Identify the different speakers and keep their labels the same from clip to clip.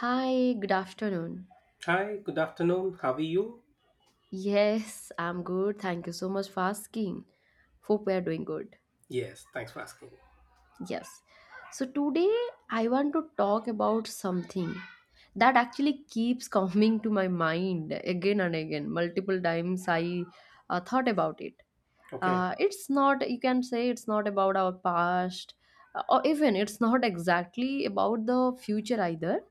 Speaker 1: Hi, good afternoon.
Speaker 2: Hi, good afternoon. How are you?
Speaker 1: Yes, I'm good. Thank you so much for asking. Hope we are doing good.
Speaker 2: Yes, thanks for asking.
Speaker 1: Yes. So, today I want to talk about something that actually keeps coming to my mind again and again. Multiple times I thought about it.
Speaker 2: Okay,
Speaker 1: It's not, you can say it's not about our past, or even it's not exactly about the future either.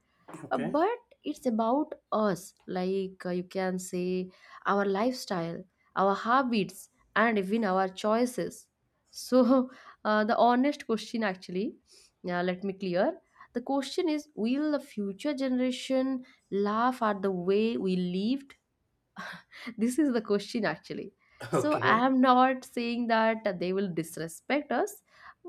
Speaker 2: okay,
Speaker 1: But it's about us, like you can say our lifestyle, our habits, and even our choices. So, the honest question, actually, yeah, let me clear, the question is, will the future generation laugh at the way we live? This is the question, actually. So I
Speaker 2: okay.
Speaker 1: am not saying that they will disrespect us,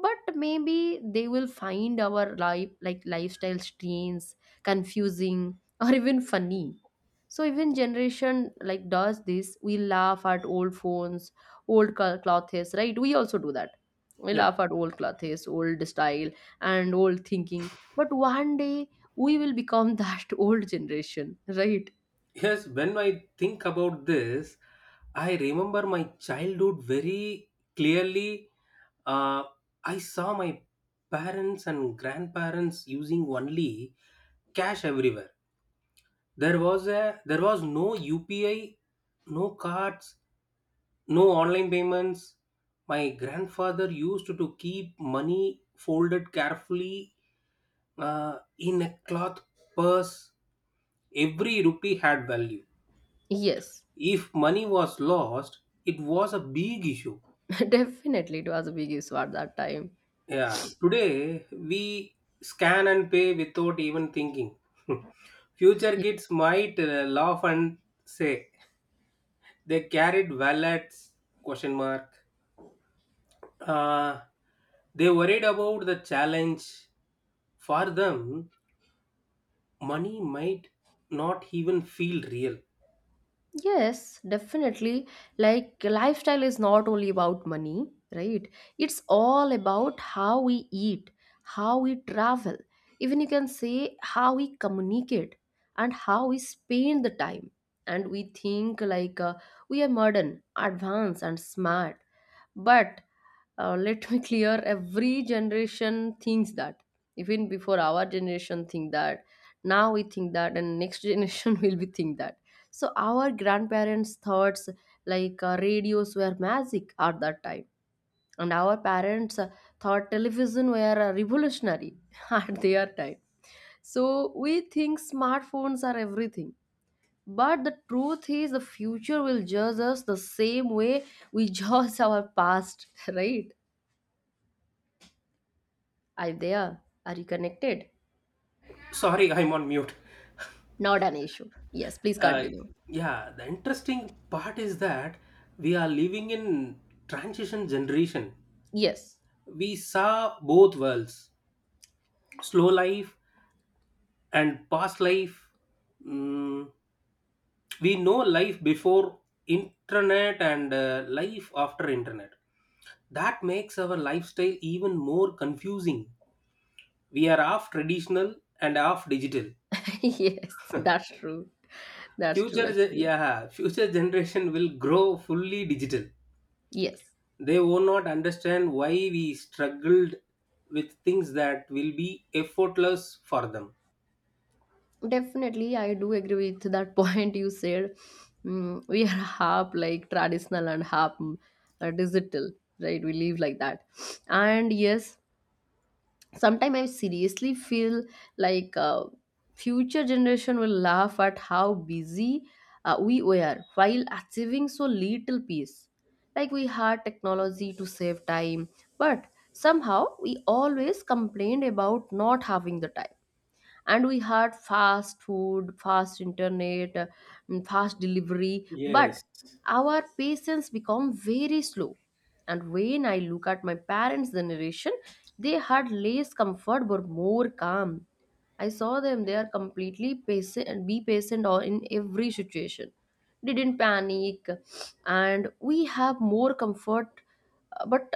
Speaker 1: but maybe they will find our life, like lifestyle strains, confusing, or even funny. So even generation, like does this, we laugh at old phones, old clothes, right? We also do that. We
Speaker 2: Yeah,
Speaker 1: laugh at old clothes, old style, and old thinking. But one day we will become that old generation, right?
Speaker 2: yes, when I think about this, I remember my childhood very clearly. Uh, I saw my parents and grandparents using only cash everywhere. There was no UPI, no cards, no online payments. My grandfather used to keep money folded carefully in a cloth purse. Every rupee had value.
Speaker 1: Yes.
Speaker 2: If money was lost, it was a big issue.
Speaker 1: Definitely, it was a big issue at that time.
Speaker 2: Yeah, today we scan and pay without even thinking. Future
Speaker 1: Ye-
Speaker 2: kids might laugh and say, they carried wallets? Question mark. Uh, they worried about the challenge. For them, money might not even feel real.
Speaker 1: Yes, definitely. Like, lifestyle is not only about money, right? It's all about how we eat, how we travel, even you can say how we communicate and how we spend the time. And we think, like we are modern, advanced, and smart. But let me clear, every generation thinks that. Even before our generation think that, now we think that, and next generation will be think that. So our grandparents thoughts, like radios were magic at that time, and our parents thought television were revolutionary at their time. So we think smartphones are everything, but the truth is the future will judge us the same way we judge our past, right? Are you there? Are you connected?
Speaker 2: Sorry, I'm on mute.
Speaker 1: Not an issue. Yes, please
Speaker 2: Uh,
Speaker 1: continue.
Speaker 2: yeah, the interesting part is that we are living in transition generation.
Speaker 1: Yes.
Speaker 2: We saw both worlds, slow life and past life. Mm, we know life before internet and life after internet. That makes our lifestyle even more confusing. We are half traditional and half digital.
Speaker 1: Yes, that's true. That's true,
Speaker 2: Future, ge-
Speaker 1: actually.
Speaker 2: yeah, future generation will grow fully digital.
Speaker 1: Yes,
Speaker 2: They will not understand why we struggled with things that will be effortless for them.
Speaker 1: definitely. I do agree with that point you said. We are half like traditional and half digital, right? We live like that. And yes, sometimes I seriously feel like future generation will laugh at how busy we were while achieving so little peace. Like, we had technology to save time, but somehow we always complained about not having the time. And we had fast food, fast internet, and fast delivery, but
Speaker 2: Yes.
Speaker 1: our patience become very slow. And when I look at my parents generation, they had less comfort but more calm. I saw them, they are completely patient and be patient or in every situation, didn't panic. And we have more comfort, but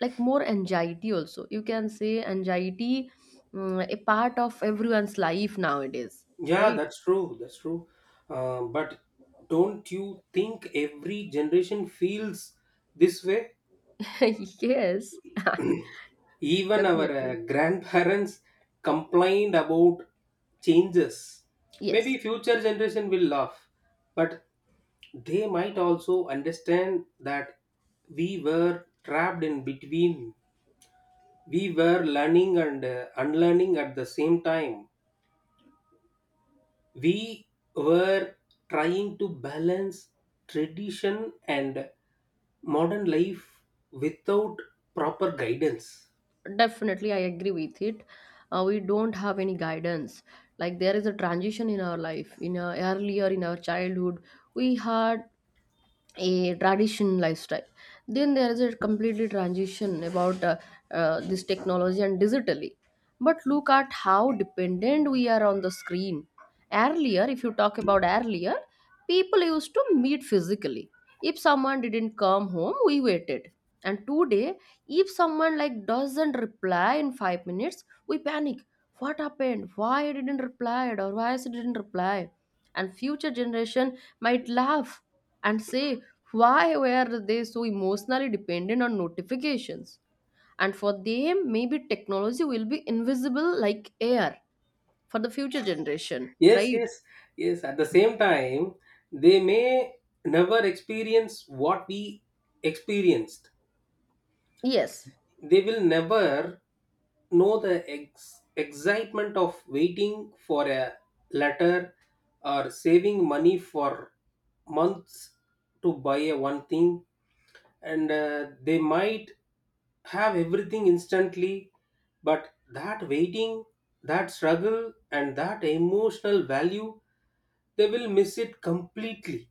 Speaker 1: like more anxiety. Also, you can say anxiety, a part of everyone's life nowadays,
Speaker 2: Yeah,
Speaker 1: right?
Speaker 2: that's true. That's true. But don't you think every generation feels this way?
Speaker 1: Yes,
Speaker 2: Even our
Speaker 1: definitely.
Speaker 2: grandparents complained about changes. Maybe
Speaker 1: Yes,
Speaker 2: future generation will laugh, but they might also understand that we were trapped in between. We were learning and unlearning at the same time. We were trying to balance tradition and modern life without proper guidance.
Speaker 1: definitely, I agree with it. We don't have any guidance, like there is a transition in our life, in our earlier, in our childhood. We had a tradition lifestyle. Then there is a completely transition about this technology and digitally. But look at how dependent we are on the screen. Earlier, if you talk about earlier, people used to meet physically. If someone didn't come home, we waited. And today, if someone like doesn't reply in 5 minutes, we panic. What happened? Why I didn't reply, or why I didn't reply? And future generation might laugh and say, why were they so emotionally dependent on notifications? And for them, maybe technology will be invisible like air for the future generation,
Speaker 2: Yes,
Speaker 1: right?
Speaker 2: yes, yes. At the same time, they may never experience what we experienced.
Speaker 1: Yes,
Speaker 2: They will never know the excitement of waiting for a letter or saving money for months to buy a one thing. And they might have everything instantly, but that waiting, that struggle and that emotional value, they will miss it completely.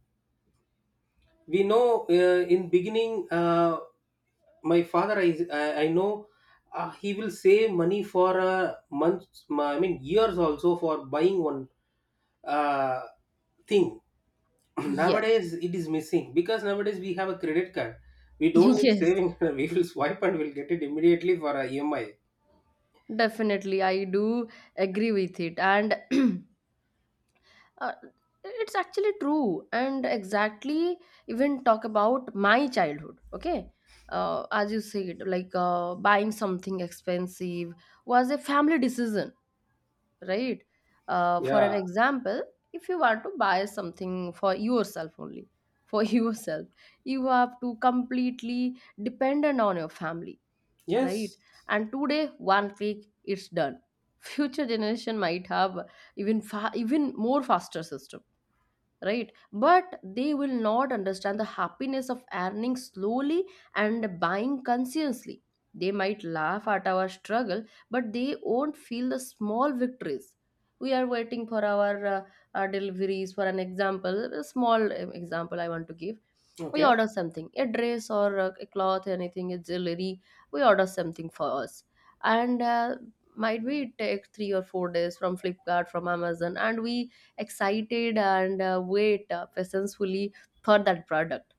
Speaker 2: We know, in beginning, my father, I know, he will save money for months, I mean years also, for buying one uh, thing.
Speaker 1: yes,
Speaker 2: Nowadays it is missing because nowadays we have a credit card. We don't need
Speaker 1: yes,
Speaker 2: saving. We will swipe and we'll get it immediately for a EMI.
Speaker 1: definitely. I do agree with it. And uh, it's actually true. And exactly, even talk about my childhood, okay? As you said, like buying something expensive was a family decision, right? For an
Speaker 2: Yeah,
Speaker 1: example, if you want to buy something for yourself only, for yourself, you have to completely dependent on your family, right?
Speaker 2: yes,
Speaker 1: And today, one click, it's done. Future generation might have even even more faster system, right? But they will not understand the happiness of earning slowly and buying consciously. They might laugh at our struggle, but they won't feel the small victories. We are waiting for our deliveries. For an example, a small example I want to give. We
Speaker 2: okay,
Speaker 1: order something, a dress or a cloth, anything, a jewelry. We order something for us, and might be it take 3 or 4 days from Flipkart, from Amazon, and we excited and wait patiently for that product.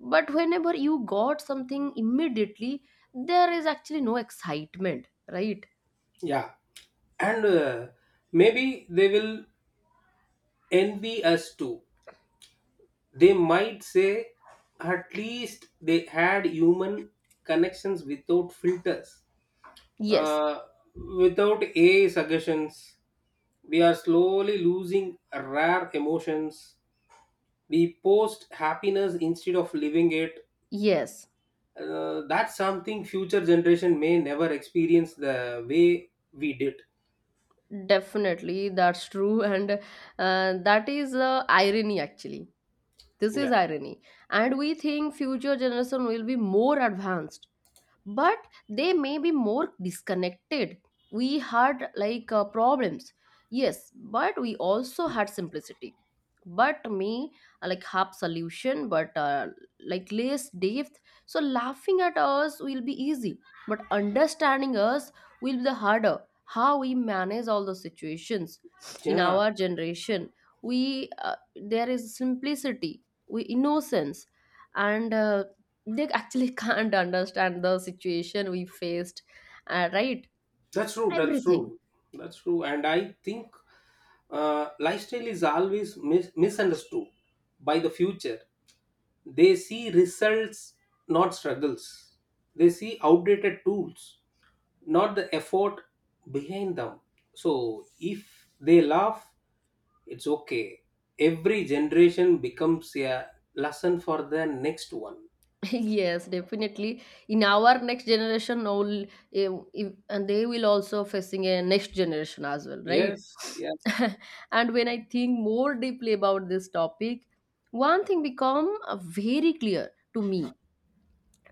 Speaker 1: But whenever you got something immediately, there is actually no excitement, right?
Speaker 2: yeah. And maybe they will envy us too. They might say, at least they had human connections without filters,
Speaker 1: Yes.
Speaker 2: uh, without AI suggestions. We are slowly losing rare emotions. We post happiness instead of living it.
Speaker 1: Yes,
Speaker 2: That's something future generation may never experience the way we did.
Speaker 1: definitely, that's true. And that is irony, actually. This
Speaker 2: Yeah,
Speaker 1: is irony. And we think future generation will be more advanced, but they may be more disconnected. We had like problems, yes, but we also had simplicity. But me, I like have solution but like less depth. So laughing at us will be easy, but understanding us will be the harder. How we manage all those situations in
Speaker 2: yeah.
Speaker 1: our generation. We there is simplicity, we innocence, and they actually can't understand the situation we faced, right?
Speaker 2: That's true. That's
Speaker 1: Everything.
Speaker 2: true. That's true. And I think lifestyle is always misunderstood by the future. They see results, not struggles. They see outdated tools, not the effort behind them. So if they laugh, it's okay. Every generation becomes a lesson for the next one.
Speaker 1: Yes, definitely, in our next generation all and they will also facing a next generation as well, right?
Speaker 2: Yes. Yeah.
Speaker 1: And when I think more deeply about this topic, one thing become very clear to me.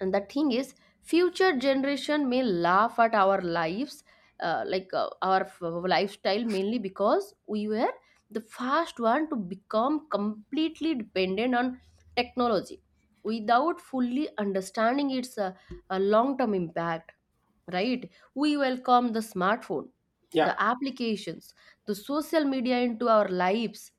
Speaker 1: And the thing is, future generation may laugh at our lives, like our lifestyle, mainly because we were the first one to become completely dependent on technology without fully understanding its long-term impact, right? We welcome the smartphone,
Speaker 2: Yeah.
Speaker 1: the applications, the social media into our lives,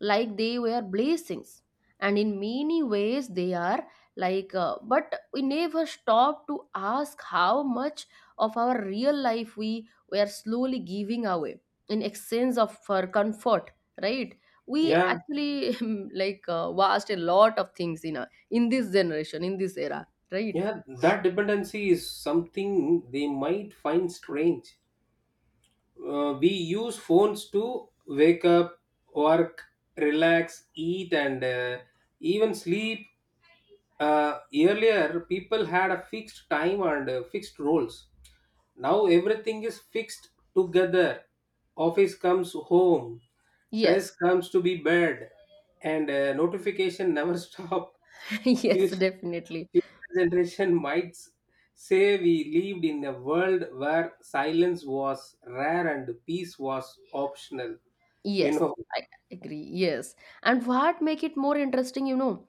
Speaker 1: like they were blessings, and in many ways they are, like, but we never stop to ask how much of our real life we were slowly giving away in exchange of for comfort, right? We
Speaker 2: Yeah.
Speaker 1: actually like vast a lot of things in in this generation, in this era, right?
Speaker 2: Yeah, that dependency is something they might find strange. We use phones to wake up, work, relax, eat, and even sleep. Earlier, people had a fixed time and fixed roles. Now everything is fixed together. Office comes home,
Speaker 1: Yes.
Speaker 2: dress comes to be bed, and notification never stop. Few
Speaker 1: Yes, definitely.
Speaker 2: Future generation might say we lived in a world where silence was rare and peace was optional. You
Speaker 1: Yes,
Speaker 2: know,
Speaker 1: I agree. Yes. And what make it more interesting, you know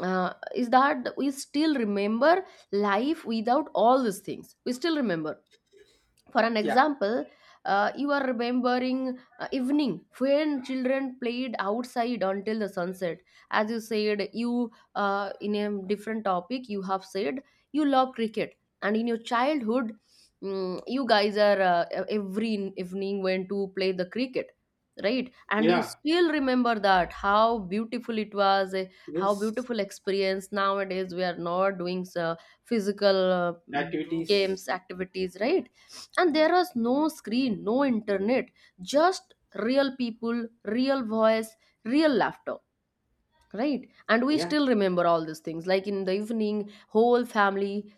Speaker 1: uh, is that we still remember life without all these things. We still remember, for an
Speaker 2: yeah,
Speaker 1: example, you are remembering evening when children played outside until the sunset. As you said, you in a different topic, you have said you love cricket, and in your childhood, you guys are every evening went to play the cricket, right? And you
Speaker 2: yeah,
Speaker 1: still remember that how beautiful it was, how
Speaker 2: yes,
Speaker 1: beautiful experience, nowadays we are not doing so physical
Speaker 2: activities,
Speaker 1: games, activities, right? And there was no screen, no internet, just real people, real voice, real laughter, right? And we
Speaker 2: yeah,
Speaker 1: still remember all these things, like in the evening, whole family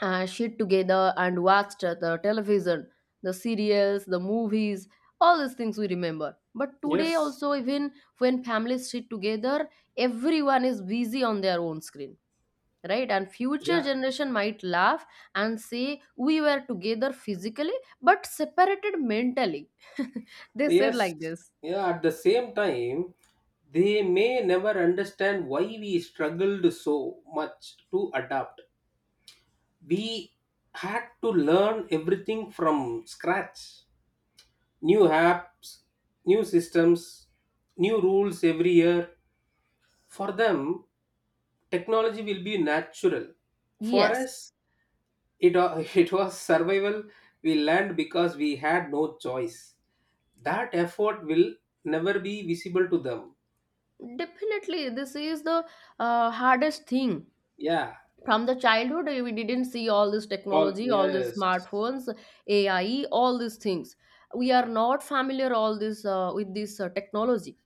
Speaker 1: sit together and watched the television, the serials, the movies, all these things we remember. But today
Speaker 2: yes,
Speaker 1: also, even when families sit together, everyone is busy on their own screen, right? And future
Speaker 2: yeah,
Speaker 1: generation might laugh and say, we were together physically but separated mentally. They said
Speaker 2: yes,
Speaker 1: like this.
Speaker 2: yeah. At the same time, they may never understand why we struggled so much to adapt. We had to learn everything from scratch, new apps, new systems, new rules every year. For them, technology will be natural. For
Speaker 1: Yes,
Speaker 2: us, it was survival. We learned because we had no choice. That effort will never be visible to them.
Speaker 1: definitely, this is the hardest thing.
Speaker 2: Yeah.
Speaker 1: From the childhood, we didn't see all this
Speaker 2: All,
Speaker 1: technology, all these
Speaker 2: yes.
Speaker 1: smartphones, AI, all these things. We are not familiar all this, with this technology.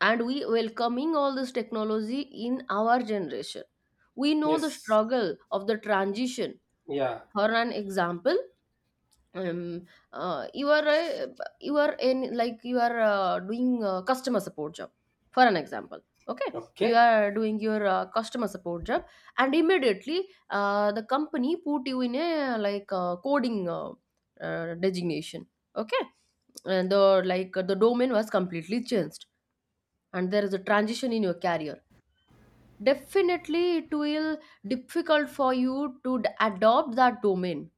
Speaker 1: And we welcoming all this technology in our generation, we know the
Speaker 2: Yes.
Speaker 1: struggle of the transition.
Speaker 2: Yeah.
Speaker 1: For an example, um, uh, you are uh, you are in like you are doing a customer support job. For an example, okay, you
Speaker 2: Okay.
Speaker 1: are doing your customer support job, and immediately the company put you in a like coding designation. Okay, and the domain was completely changed, and there is a transition in your career. Definitely, it will difficult for you to adopt that domain,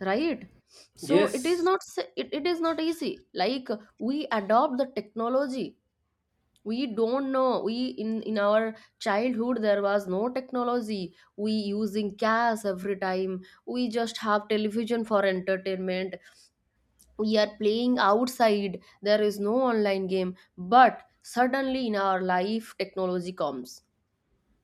Speaker 1: right? So
Speaker 2: Yes.
Speaker 1: it is not easy, like we adopt the technology. We don't know, we in our childhood, there was no technology, we using cash every time, we just have television for entertainment, we are playing outside, there is no online game. But suddenly, in our life, technology comes,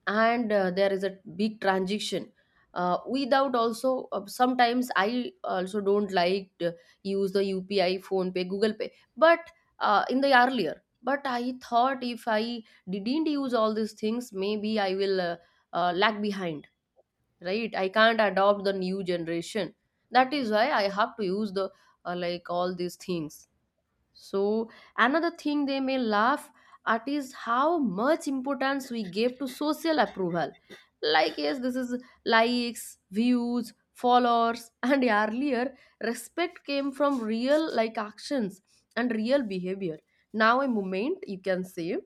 Speaker 1: and there is a big transition. Without also, sometimes I also don't like to use the UPI, Phone Pay, Google Pay, but in the earlier, but I thought if I didn't use all these things, maybe I will lag behind, right? I can't adopt the new generation. That is why I have to use the, like, all these things. So, another thing they may laugh at is how much importance we gave to social approval. Like, yes, this is likes, views, followers, and earlier, respect came from real like actions and real behavior. Now, a moment you can say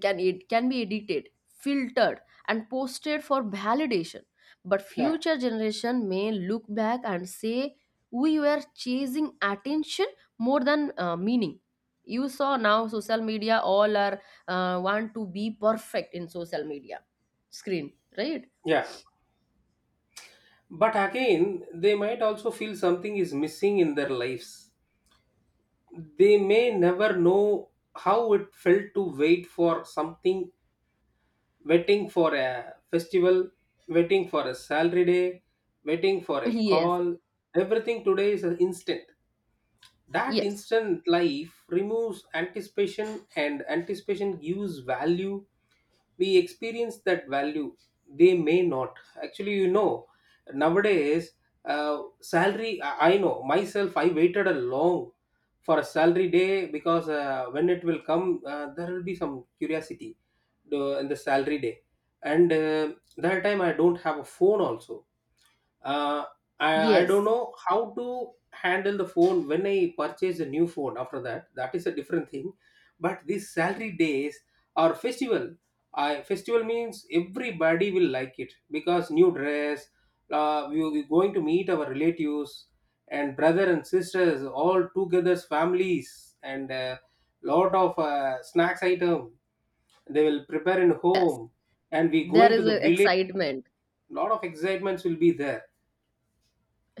Speaker 1: can it can be edited, filtered, and posted for validation, but
Speaker 2: Yeah.
Speaker 1: future generation may look back and say we were chasing attention more than meaning. You saw now social media all are want to be perfect in social media screen, right?
Speaker 2: Yeah. But again, they might also feel something is missing in their lives. They may never know how it felt to wait for something, waiting for a festival, waiting for a salary day, waiting for a
Speaker 1: yes
Speaker 2: call. Everything today is an instant. That
Speaker 1: yes
Speaker 2: instant life removes anticipation and anticipation gives value. We experience that value. They may not. Actually, nowadays, salary, I know myself, I waited a long for a salary day because when it will come, there will be some curiosity in the salary day. And that time I don't have a phone also. uh, I don't
Speaker 1: yes
Speaker 2: know how to handle the phone when I purchase a new phone after that. That is a different thing. But these salary days or festival, I festival means everybody will like it because new dress, we will be going to meet our relatives and brother and sisters, all together families and lot of snacks item they will prepare in
Speaker 1: yes.
Speaker 2: home. And we
Speaker 1: There
Speaker 2: going to
Speaker 1: is
Speaker 2: the
Speaker 1: a
Speaker 2: village.
Speaker 1: excitement.
Speaker 2: Lot of excitements will be there.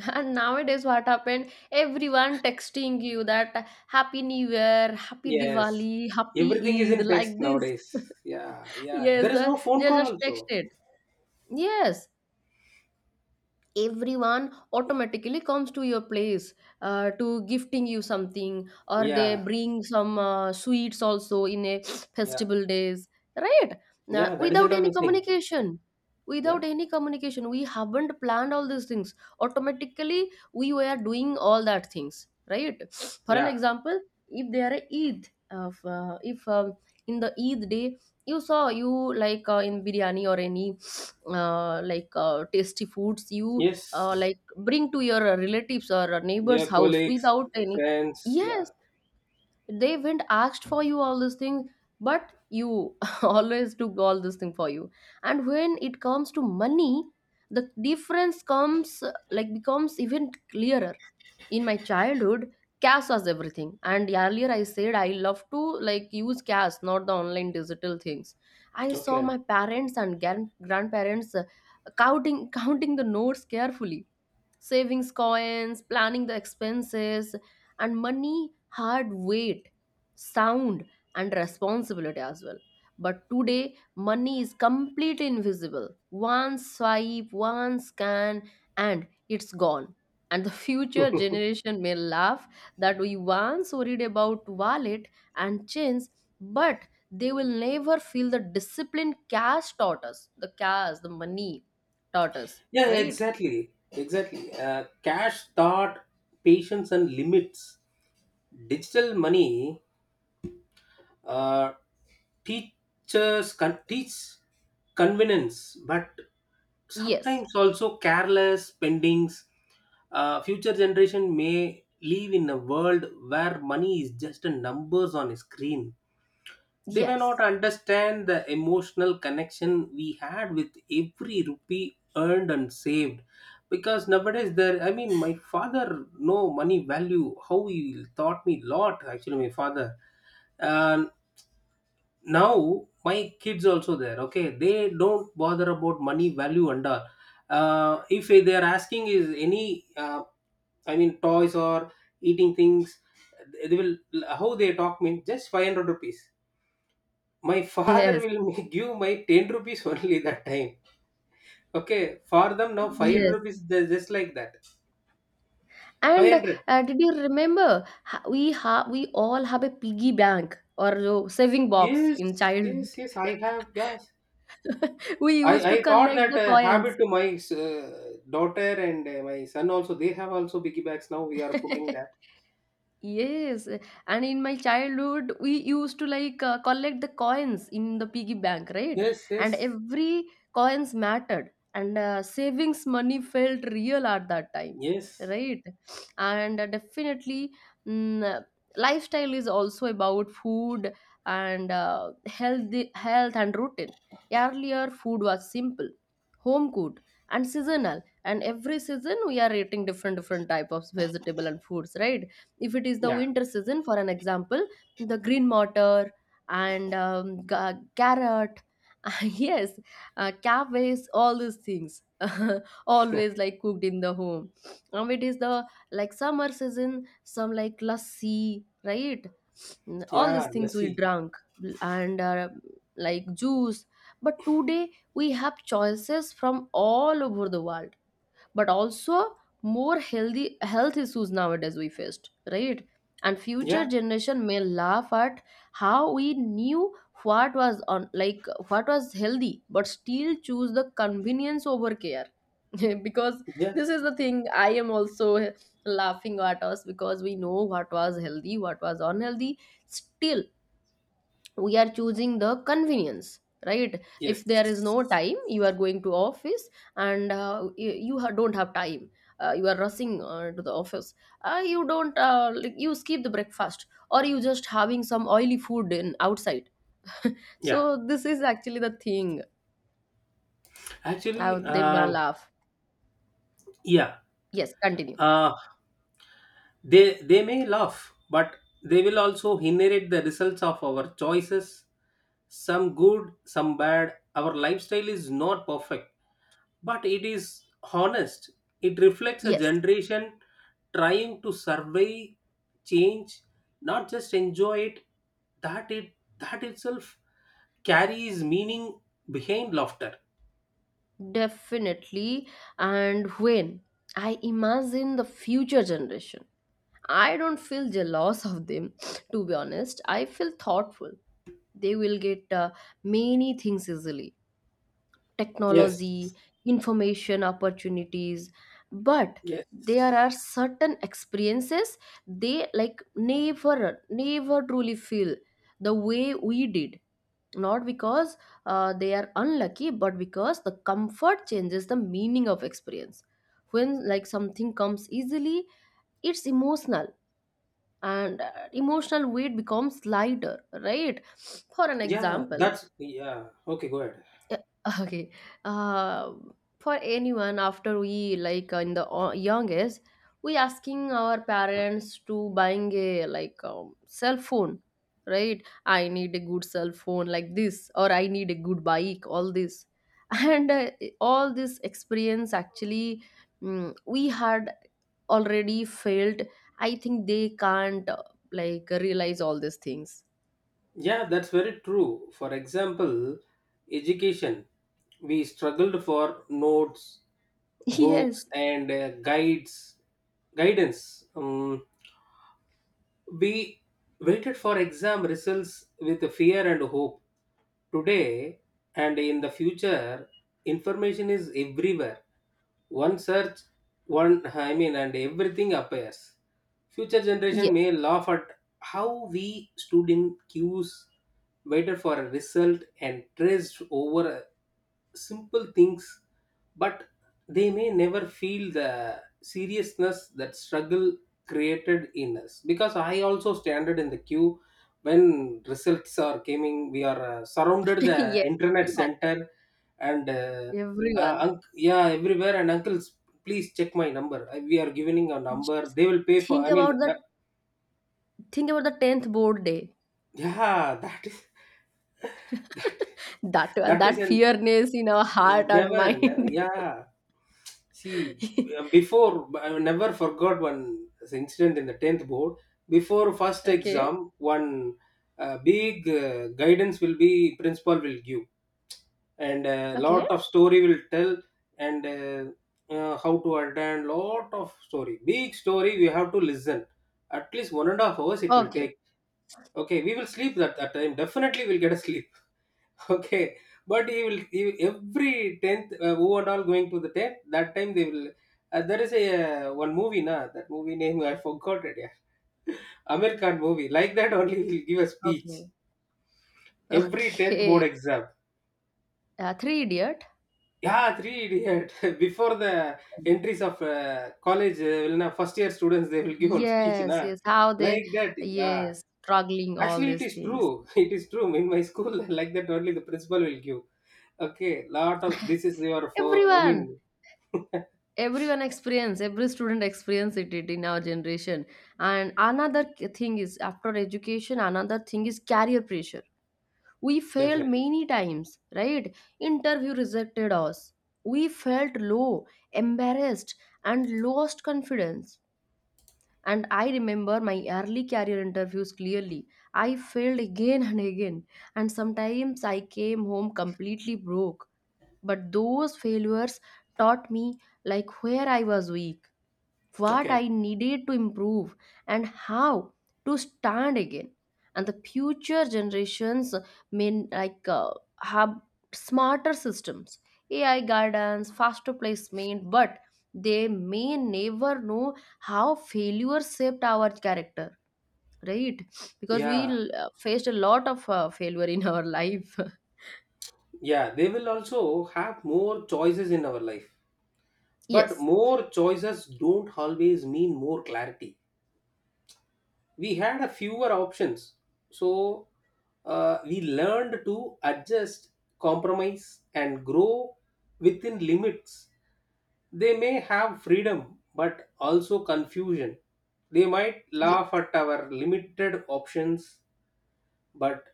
Speaker 1: And nowadays, what happened? Everyone texting you that Happy New Year, Happy
Speaker 2: Yes.
Speaker 1: Diwali,
Speaker 2: Everything is
Speaker 1: Happy Eid,
Speaker 2: in text
Speaker 1: like this.
Speaker 2: nowadays. Yeah, yeah.
Speaker 1: Yes,
Speaker 2: There is no phone
Speaker 1: they
Speaker 2: call
Speaker 1: just
Speaker 2: also.
Speaker 1: texted. Yes, everyone automatically comes to your place to gifting you something, or they
Speaker 2: Yeah,
Speaker 1: bring some sweets also in a
Speaker 2: yeah,
Speaker 1: festival days. Right now,
Speaker 2: yeah. That is all missing. Yeah,
Speaker 1: without any communication, we haven't planned all these things, automatically we were doing all that things, right? For an
Speaker 2: yeah.
Speaker 1: example, if there are eid of if in the eid day, you saw you like in biryani or any like tasty foods you
Speaker 2: Yes.
Speaker 1: like bring to your relatives or
Speaker 2: Yeah,
Speaker 1: neighbor's house
Speaker 2: colleagues,
Speaker 1: without any.
Speaker 2: friends. Yeah.
Speaker 1: Yes, they went asked for you all these things, but you always took all this thing for you. And when it comes to money, the difference comes like becomes even clearer. In my childhood, cash was everything, and earlier I said I love to like use cash, not the online digital things. I saw
Speaker 2: Okay.
Speaker 1: my parents and grandparents counting counting the notes carefully, savings coins, planning the expenses, and money, hard weight, sound, and responsibility as well. But today money is completely invisible. One swipe, one scan, and it's gone. And the future generation may laugh that we once worried about wallet and chains, but they will never feel the discipline cash taught us, the cash, the money taught us,
Speaker 2: Yeah,
Speaker 1: right?
Speaker 2: exactly. Exactly. Cash, thought, patience, and limits. Digital money. Uh, Teachers can teach convenience, but
Speaker 1: yes
Speaker 2: sometimes also careless spendings. Future generation may live in a world where money is just a numbers on a screen. They may not
Speaker 1: yes
Speaker 2: understand the emotional connection we had with every rupee earned and saved. Because nowadays there, I mean my father know money value, how he taught me lot actually my father. And now my kids also there, okay, they don't bother about money value and all. If they are asking is any I mean toys or eating things, they will, how they talk means just 500 rupees. My father
Speaker 1: yes
Speaker 2: will give my 10 rupees only that time. Okay, for them now 500
Speaker 1: yes
Speaker 2: rupees they're just like that.
Speaker 1: And
Speaker 2: 500,
Speaker 1: did you remember we all have a piggy bank or saving box
Speaker 2: yes,
Speaker 1: in childhood?
Speaker 2: yes, yes, I have, yeah.
Speaker 1: We used
Speaker 2: I,
Speaker 1: to
Speaker 2: I thought
Speaker 1: collect
Speaker 2: that
Speaker 1: the
Speaker 2: habit
Speaker 1: coins.
Speaker 2: to my daughter and my son also. They have also biggie bags now. We are putting that.
Speaker 1: Yes, and in my childhood, we used to like collect the coins in the piggy bank, right?
Speaker 2: Yes,
Speaker 1: And
Speaker 2: yes,
Speaker 1: every coins mattered, and savings money felt real at that time,
Speaker 2: yes,
Speaker 1: right? And definitely, mm, uh, lifestyle is also about food and healthy health and routine. Earlier, food was simple, home cooked, and seasonal. And every season, we are eating different different type of vegetable and foods, right? If it is the
Speaker 2: yeah,
Speaker 1: winter season, for an example, the green mottor and carrot, yes, cabbage, all these things always like cooked in the home. Um, it is the like summer season, some like lassi, right? Mm, all these
Speaker 2: yeah,
Speaker 1: things
Speaker 2: let's
Speaker 1: we
Speaker 2: see,
Speaker 1: drank, and like juice. But today we have choices from all over the world, but also more healthy health issues nowadays we faced, right? And future
Speaker 2: yeah,
Speaker 1: generation may laugh at how we knew what was on like what was healthy, but still choose the convenience over care. Because
Speaker 2: yeah,
Speaker 1: this is the thing I am also laughing at us, because we know what was healthy, what was unhealthy, still we are choosing the convenience, right?
Speaker 2: yes.
Speaker 1: If there is no time, you are going to office, and don't have time, you are rushing to the office, you don't like you skip the breakfast, or you just having some oily food in outside.
Speaker 2: Yeah,
Speaker 1: So this is actually the thing.
Speaker 2: actually,
Speaker 1: They may
Speaker 2: um,
Speaker 1: laugh.
Speaker 2: yeah,
Speaker 1: Yes, continue.
Speaker 2: uh, they they may laugh, but they will also inherit the results of our choices. Some good, some bad. Our lifestyle is not perfect, but it is honest. It reflects a
Speaker 1: Yes,
Speaker 2: generation trying to survey change, not just enjoy it. That itself carries meaning behind laughter.
Speaker 1: definitely. And when I imagine the future generation, I don't feel jealous of them, to be honest. I feel thoughtful. They will get many things easily:
Speaker 2: Yes.
Speaker 1: technology, information, opportunities. But
Speaker 2: Yes.
Speaker 1: there are certain experiences they like never truly feel the way we did. Not because they are unlucky, but because the comfort changes the meaning of experience. When like something comes easily, it's emotional, and emotional weight becomes lighter, right? For an
Speaker 2: Yeah,
Speaker 1: example,
Speaker 2: that's yeah. Okay, go ahead.
Speaker 1: Okay, uh, for anyone after we like in the young, we asking our parents to buying a like cell phone, right? I need a good cell phone like this, or I need a good bike, all this. And all this experience actually, we had already failed. I think they can't like realize all these things.
Speaker 2: Yeah, that's very true. For example, education. We struggled for notes, books,
Speaker 1: Yes.
Speaker 2: and guidance. We waited for exam results with fear and hope. Today and in the future, information is everywhere. One search, one I mean, and everything appears. Future
Speaker 1: Yeah.
Speaker 2: generation may laugh at how we stood in queues, waited for a result and stressed over simple things. But they may never feel the seriousness that struggle created in us. Because I also standard in the queue when results are coming, we are surrounded the
Speaker 1: Yes.
Speaker 2: internet
Speaker 1: Everyone.
Speaker 2: center. And
Speaker 1: Everyone.
Speaker 2: yeah, everywhere. And uncles, please check my number. We are giving a
Speaker 1: Just
Speaker 2: number. They will pay for.
Speaker 1: think
Speaker 2: I mean,
Speaker 1: about
Speaker 2: that,
Speaker 1: the think about the 10th board day.
Speaker 2: yeah, that is, that
Speaker 1: That
Speaker 2: that is
Speaker 1: that
Speaker 2: an,
Speaker 1: fearness in our heart and
Speaker 2: never. Never,
Speaker 1: mind.
Speaker 2: yeah. See, before I never forgot one incident in the 10th board. Before first
Speaker 1: Okay.
Speaker 2: exam, one big guidance will be principal will give. And a lot
Speaker 1: Okay.
Speaker 2: of story will tell. And how to attend lot of story, big story, we have to listen at least 1.5 hours it will
Speaker 1: Okay.
Speaker 2: take. Okay, we will sleep that time. Definitely we'll get a sleep. Okay. But every 10th who and all going to the 10th that time, they will. There is a one movie na, that movie name I forgot it, yeah, american movie like that only will give a speech
Speaker 1: Okay.
Speaker 2: every 10th board
Speaker 1: Okay.
Speaker 2: exam.
Speaker 1: Three idiot.
Speaker 2: Yeah, three idiot. Before the entries of college, will na, first year students, they will give one speech,
Speaker 1: Yes,
Speaker 2: na,
Speaker 1: yes. How they?
Speaker 2: like that. Yeah,
Speaker 1: Yes, struggling all
Speaker 2: actually it
Speaker 1: these
Speaker 2: is
Speaker 1: things.
Speaker 2: true. It is true. In my school, like that only the principal will give. Okay, lot of this is your for. I
Speaker 1: Everyone.
Speaker 2: mean,
Speaker 1: Everyone experience, every student it in our generation. And another thing is after education, another thing is career pressure. We failed
Speaker 2: definitely.
Speaker 1: many times, right? Interview rejected us. We felt low, embarrassed, and lost confidence. And I remember my early career interviews clearly. I failed again and again, and sometimes I came home completely broke. But those failures taught me like where I was weak, what
Speaker 2: Okay.
Speaker 1: I needed to improve, and how to stand again. And the future generations may like have smarter systems, AI guidance, faster placement, but they may never know how failure shaped our character, right? Because
Speaker 2: Yeah,
Speaker 1: we faced a lot of failure in our life.
Speaker 2: yeah. They will also have more choices in our life, but
Speaker 1: Yes.
Speaker 2: more choices don't always mean more clarity. We had a fewer options. So we learned to adjust, compromise and grow within limits. They may have freedom but also confusion. They might
Speaker 1: Yes.
Speaker 2: laugh at our limited options, but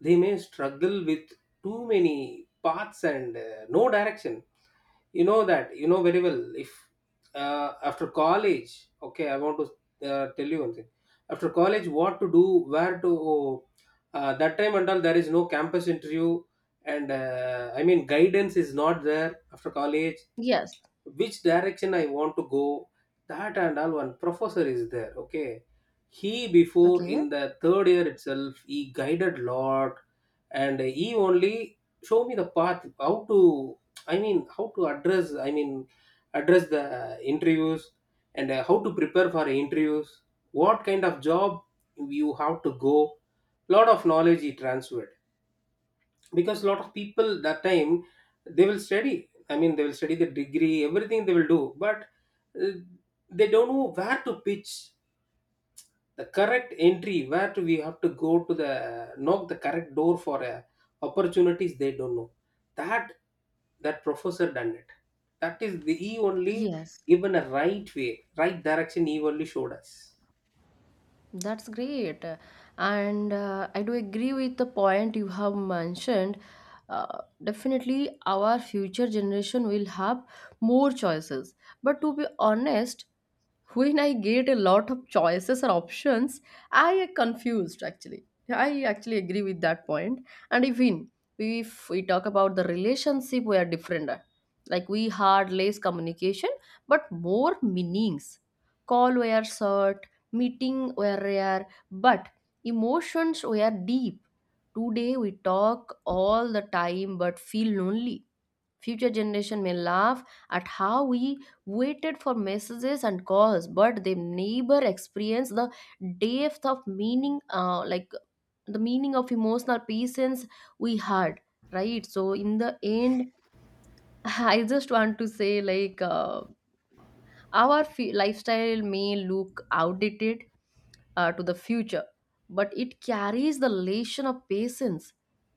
Speaker 2: they may struggle with too many paths and no direction. You know that you know very well. If after college, okay, I want to tell you one thing. After college, what to do, where to. That time and all there is no campus interview. And I mean guidance is not there after college.
Speaker 1: Yes.
Speaker 2: Which direction I want to go. That and all, one professor is there. Okay, he before in
Speaker 1: Okay.
Speaker 2: the third year itself, he guided lot. And he only show me the path how to I mean how to address I mean address the interviews. And how to prepare for interviews, what kind of job you have to go. Lot of knowledge he transferred. Because a lot of people that time, they will study the degree everything they will do. But uh, they don't know where to pitch the correct entry, where to we have to go to the knock the correct door for opportunities. They don't know that. That professor done it. That is the he only
Speaker 1: Yes.
Speaker 2: given a right way, right direction. He only showed us.
Speaker 1: That's great. And I do agree with the point you have mentioned. Definitely, our future generation will have more choices. But to be honest, when I get a lot of choices or options, I am confused actually. I actually agree with that point. And even if we talk about the relationship, we are different. Like we had less communication, but more meanings. Call were short, meeting were rare, but emotions were deep. Today we talk all the time but feel lonely. Future generation may laugh at how we waited for messages and calls, but they never experience the depth of meaning, like the meaning of emotional patience we had, right? So in the end, I just want to say like our lifestyle may look outdated, to the future, but it carries the lesson of patience,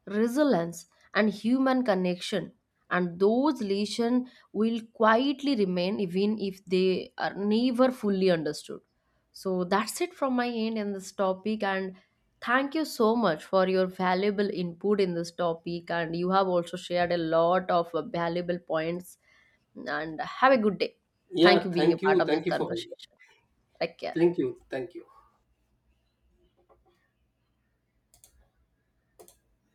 Speaker 1: resilience, and human connection. And those lessons will quietly remain even if they are never fully understood. So that's it from my end in this topic. And thank you so much for your valuable input in this topic. And you have also shared a lot of valuable points. And have a good day. Thank
Speaker 2: Yeah,
Speaker 1: you being a
Speaker 2: thank
Speaker 1: part
Speaker 2: you,
Speaker 1: of this
Speaker 2: thank you for,
Speaker 1: conversation. Take care.
Speaker 2: thank you, thank you.